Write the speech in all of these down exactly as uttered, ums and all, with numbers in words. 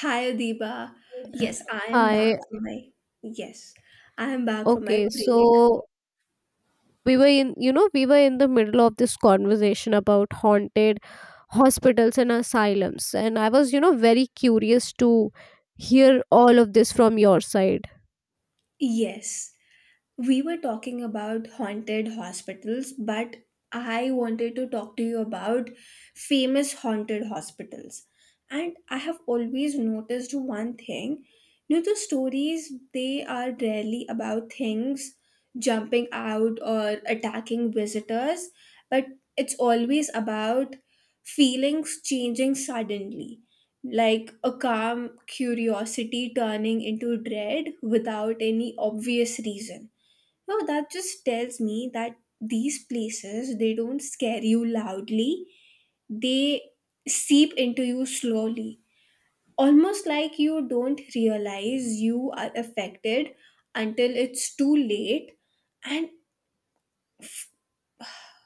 Hi, Adiba. Yes, I am back Hi. for my yes. I am back for my Okay. break. So we were in, you know, we were in the middle of this conversation about haunted hospitals and asylums. And I was, you know, very curious to hear all of this from your side. Yes. We were talking about haunted hospitals, but I wanted to talk to you about famous haunted hospitals. And I have always noticed one thing. You know, the stories, they are rarely about things jumping out or attacking visitors, but it's always about feelings changing suddenly. Like a calm curiosity turning into dread without any obvious reason. No, that just tells me that these places they don't scare you loudly. They seep into you slowly. Almost like you don't realize you are affected until it's too late. And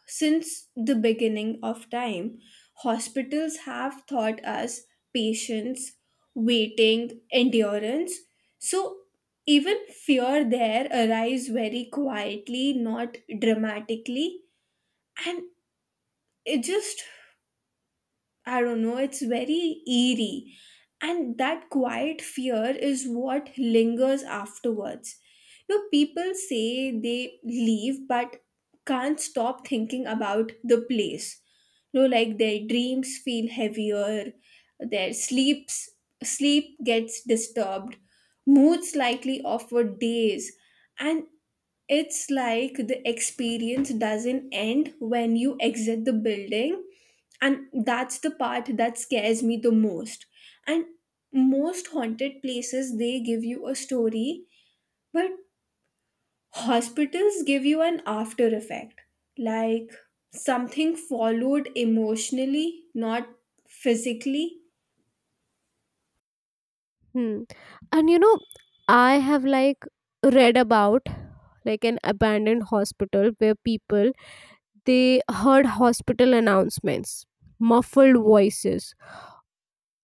since the beginning of time, hospitals have taught us patience, waiting, endurance. So even fear there arrives very quietly, not dramatically, and it just, I don't know, it's very eerie. And that quiet fear is what lingers afterwards. You know, people say they leave but can't stop thinking about the place. You know, like their dreams feel heavier, their sleeps sleep gets disturbed, moods likely off for days. And it's like the experience doesn't end when you exit the building, and that's the part that scares me the most. And most haunted places they give you a story, but hospitals give you an after effect. Like something followed emotionally, not physically. Hmm. And you know, I have like read about like an abandoned hospital where people they heard hospital announcements, muffled voices,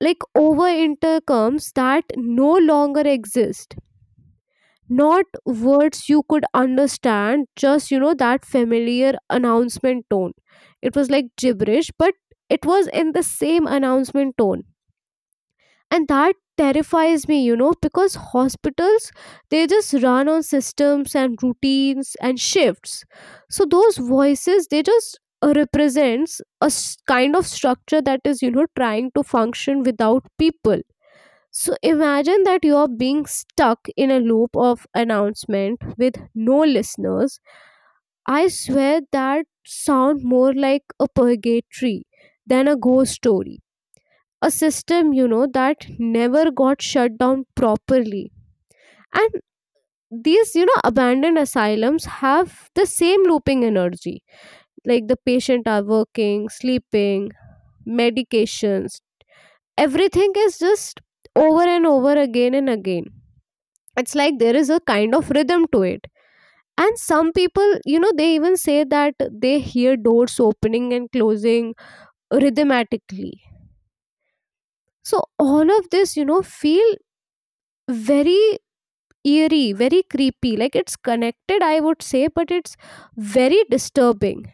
like over intercoms that no longer exist. Not words you could understand, just you know, that familiar announcement tone. It was like gibberish, but it was in the same announcement tone, and that terrifies me, you know, because hospitals, they just run on systems and routines and shifts. So those voices, they just uh, represents a s- kind of structure that is, you know, trying to function without people. So imagine that you are being stuck in a loop of announcement with no listeners. I swear that sound more like a purgatory than a ghost story, a system, you know, that never got shut down properly. And these, you know, abandoned asylums have the same looping energy. Like the patient are working, sleeping, medications, everything is just over and over again and again. It's like there is a kind of rhythm to it. And some people, you know, they even say that they hear doors opening and closing rhythmatically. So all of this, you know, feel very eerie, very creepy. Like it's connected, I would say, but it's very disturbing.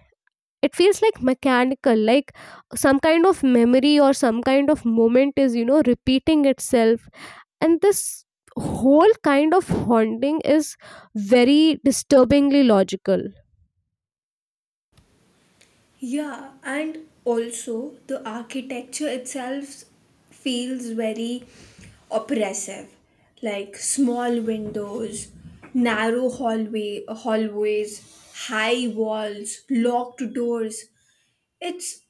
It feels like mechanical, like some kind of memory or some kind of moment is, you know, repeating itself. And this whole kind of haunting is very disturbingly logical. Yeah, and also the architecture itself feels very oppressive, like small windows, narrow hallway hallways, high walls, locked doors. It's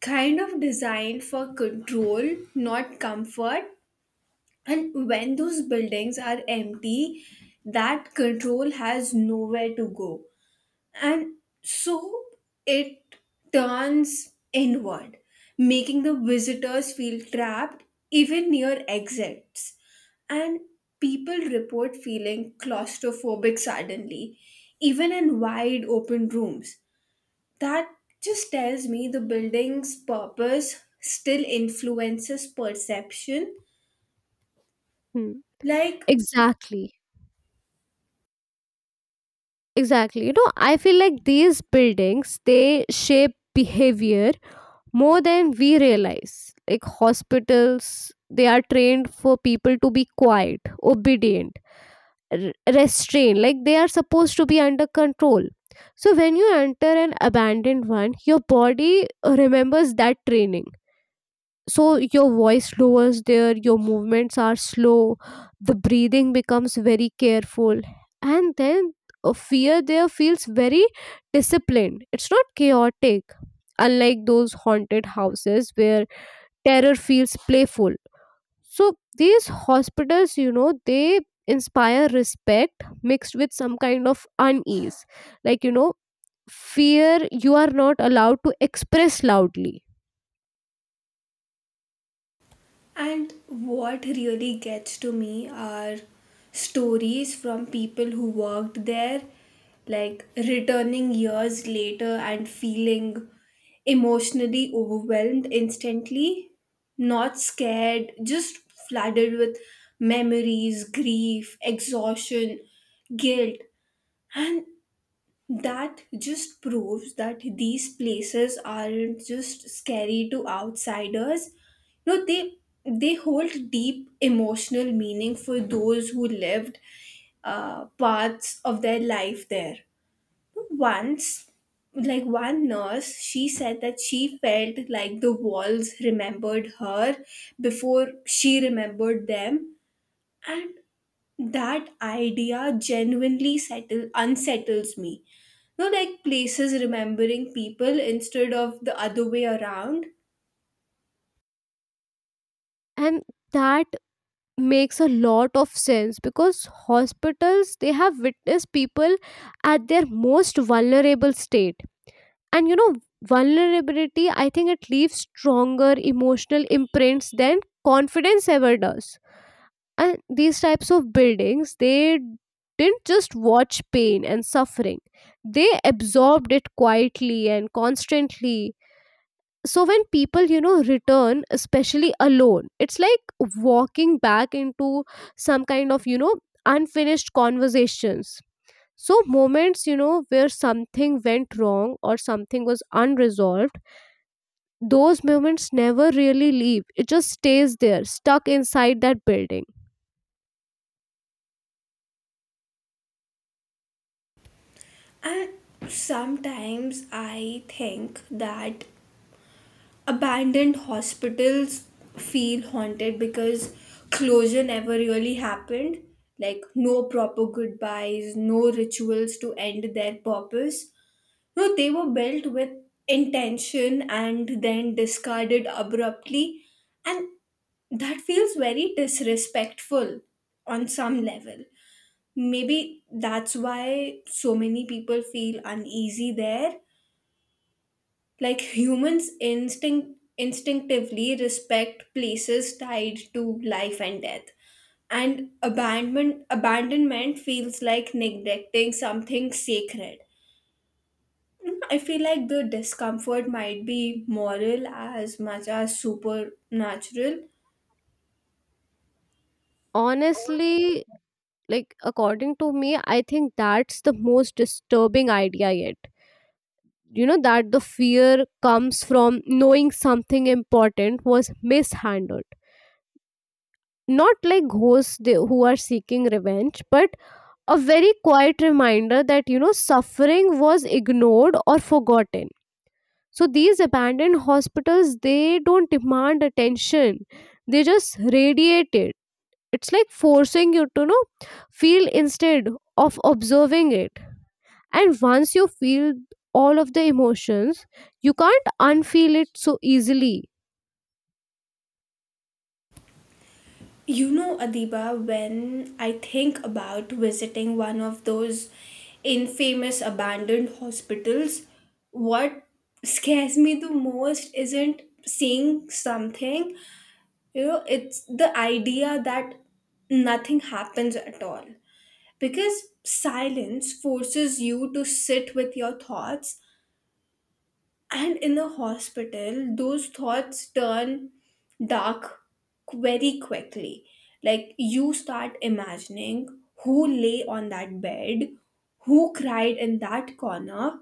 kind of designed for control, not comfort. And when those buildings are empty, that control has nowhere to go, and so it turns inward, making the visitors feel trapped even near exits. And people report feeling claustrophobic suddenly, even in wide open rooms. That just tells me the building's purpose still influences perception, Hmm. like. Exactly. Exactly. You know, I feel like these buildings, they shape behavior more than we realize. Like hospitals, they are trained for people to be quiet, obedient, r- restrained, like they are supposed to be under control. So when you enter an abandoned one, your body remembers that training. So your voice lowers there, your movements are slow, the breathing becomes very careful, and then uh, fear there feels very disciplined. It's not chaotic, unlike those haunted houses where terror feels playful. So these hospitals, you know, they inspire respect mixed with some kind of unease. Like, you know, fear you are not allowed to express loudly. And what really gets to me are stories from people who worked there, like returning years later and feeling emotionally overwhelmed instantly, not scared, just flooded with memories, grief, exhaustion, guilt. And that just proves that these places aren't just scary to outsiders. You know, they they hold deep emotional meaning for those who lived uh, parts of their life there. Once, like one nurse, she said that she felt like the walls remembered her before she remembered them. And that idea genuinely settle unsettles me. No, like places remembering people instead of the other way around. And that makes a lot of sense because hospitals, they have witnessed people at their most vulnerable state. And you know, vulnerability, I think it leaves stronger emotional imprints than confidence ever does. And these types of buildings, they didn't just watch pain and suffering, they absorbed it quietly and constantly. So when people, you know, return, especially alone, it's like walking back into some kind of, you know, unfinished conversations. So moments, you know, where something went wrong or something was unresolved, those moments never really leave. It just stays there, stuck inside that building. And sometimes I think that abandoned hospitals feel haunted because closure never really happened, like no proper goodbyes, no rituals to end their purpose. No, they were built with intention and then discarded abruptly, and that feels very disrespectful on some level. Maybe that's why so many people feel uneasy there. Like humans instinct instinctively respect places tied to life and death. And abandonment abandonment feels like neglecting something sacred. I feel like the discomfort might be moral as much as supernatural. Honestly, like according to me, I think that's the most disturbing idea yet. You know, that the fear comes from knowing something important was mishandled, not like ghosts, they, who are seeking revenge, but a very quiet reminder that, you know, suffering was ignored or forgotten. So these abandoned hospitals, they don't demand attention, they just radiate it. It's like forcing you to, you know, feel instead of observing it. And once you feel all of the emotions, you can't unfeel it so easily. You know, Adiba, when I think about visiting one of those infamous abandoned hospitals, what scares me the most isn't seeing something, you know, it's the idea that nothing happens at all. Because silence forces you to sit with your thoughts. And in the hospital, those thoughts turn dark very quickly. Like you start imagining who lay on that bed, who cried in that corner.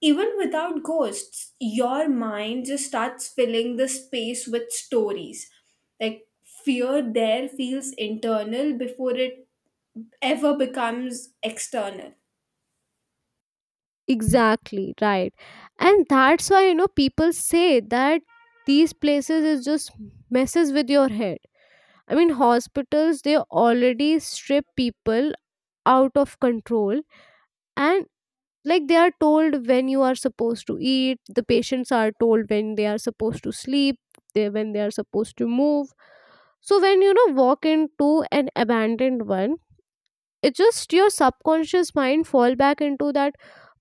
Even without ghosts, your mind just starts filling the space with stories. Like fear there feels internal before it ever becomes external. Exactly, right. And that's why, you know, people say that these places is just messes with your head. I mean hospitals, they already strip people out of control. And like they are told when you are supposed to eat, the patients are told when they are supposed to sleep, they, when they are supposed to move. So when you know walk into an abandoned one, it's just your subconscious mind fall back into that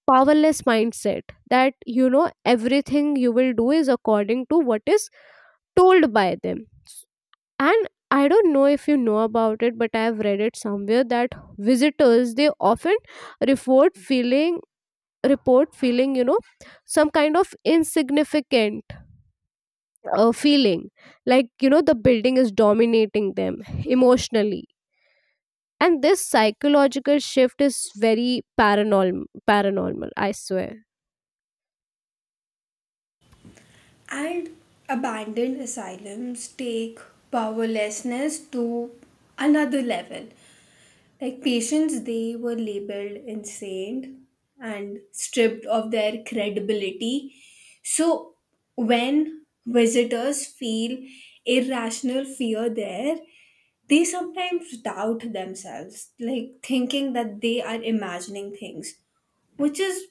powerless mindset, that you know everything you will do is according to what is told by them. And I don't know if you know about it, but I have read it somewhere that visitors, they often report feeling report feeling, you know, some kind of insignificant uh, feeling, like you know the building is dominating them emotionally. And this psychological shift is very paranormal, paranormal, I swear. And abandoned asylums take powerlessness to another level. Like patients, they were labeled insane and stripped of their credibility. So, when visitors feel irrational fear there, they sometimes doubt themselves, like thinking that they are imagining things, which is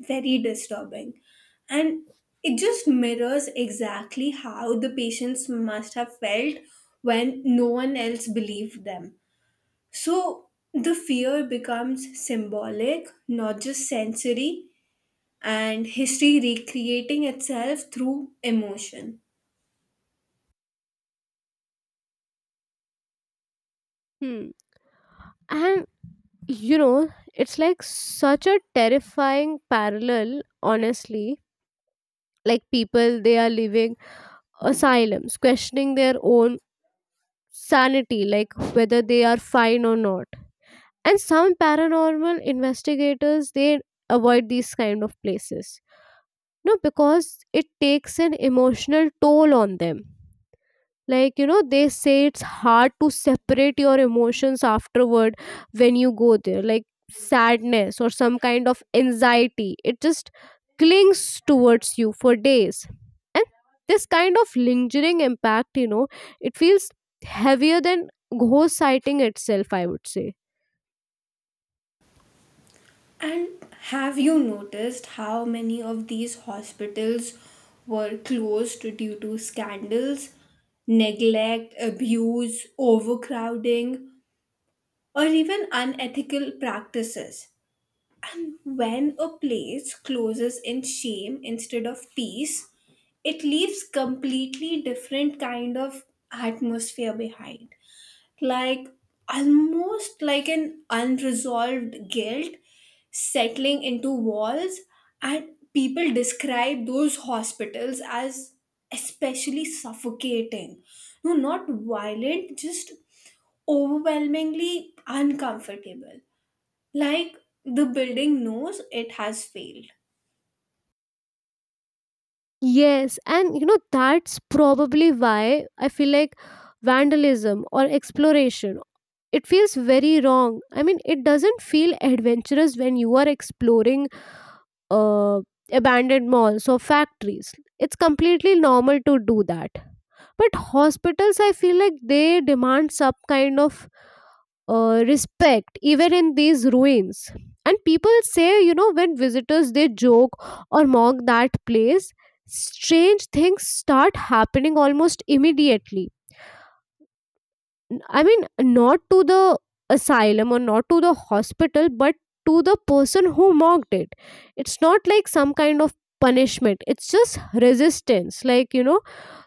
very disturbing. And it just mirrors exactly how the patients must have felt when no one else believed them. So the fear becomes symbolic, not just sensory, and history recreating itself through emotion. Hmm. And you know, it's like such a terrifying parallel, honestly. Like people, they are living asylums, questioning their own sanity, like whether they are fine or not. And some paranormal investigators, they avoid these kind of places. No, because it takes an emotional toll on them. Like you know they say it's hard to separate your emotions afterward when you go there. Like sadness or some kind of anxiety, it just clings towards you for days. And this kind of lingering impact, you know, it feels heavier than ghost sighting itself, I would say. And have you noticed how many of these hospitals were closed due to scandals, neglect, abuse, overcrowding? Or even unethical practices. When a place closes in shame instead of peace, it leaves completely different kind of atmosphere behind. Like almost like an unresolved guilt settling into walls, and people describe those hospitals as especially suffocating. No, not violent, just overwhelmingly uncomfortable, like the building knows it has failed. Yes, and you know, that's probably why I feel like vandalism or exploration, it feels very wrong. I mean, it doesn't feel adventurous when you are exploring uh, abandoned malls or factories. It's completely normal to do that. But hospitals, I feel like they demand some kind of uh, respect even in these ruins. And people say, you know, when visitors they joke or mock that place, strange things start happening almost immediately. I mean, not to the asylum or not to the hospital, but to the person who mocked it. It's not like some kind of punishment, it's just resistance, like you know,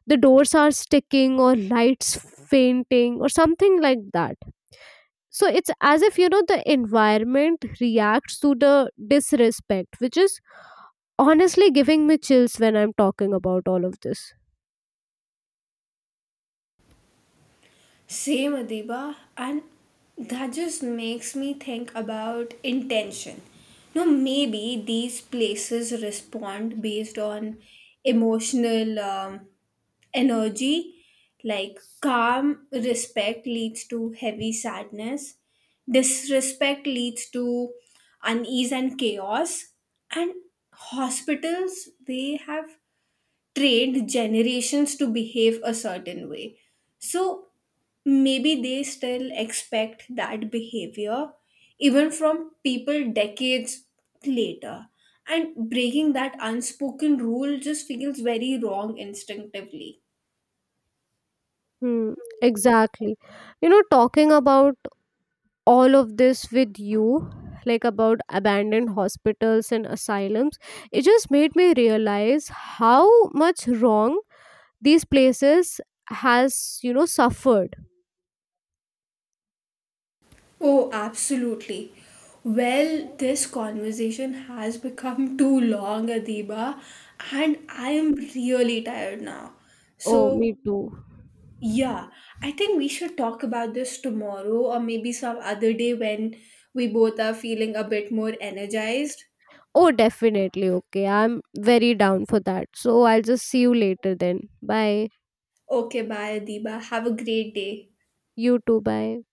the doors are sticking or lights fainting or something like that. So it's as if, you know, the environment reacts to the disrespect, which is honestly giving me chills when I'm talking about all of this. Same, Adiba, and that just makes me think about intention. Now, maybe these places respond based on emotional um, energy, like calm respect leads to heavy sadness, disrespect leads to unease and chaos, and hospitals they have trained generations to behave a certain way. So maybe they still expect that behavior even from people decades later. And breaking that unspoken rule just feels very wrong instinctively. Hmm, exactly. You know, talking about all of this with you, like about abandoned hospitals and asylums, it just made me realize how much wrong these places has, you know, suffered. Oh, absolutely. Well, this conversation has become too long, Adiba, and I am really tired now. Oh, So me too. yeah, I think we should talk about this tomorrow or maybe some other day when we both are feeling a bit more energized. Oh, definitely. Okay. I'm very down for that. So I'll just see you later then. Bye. Okay, bye, Adiba. Have a great day. You too. Bye.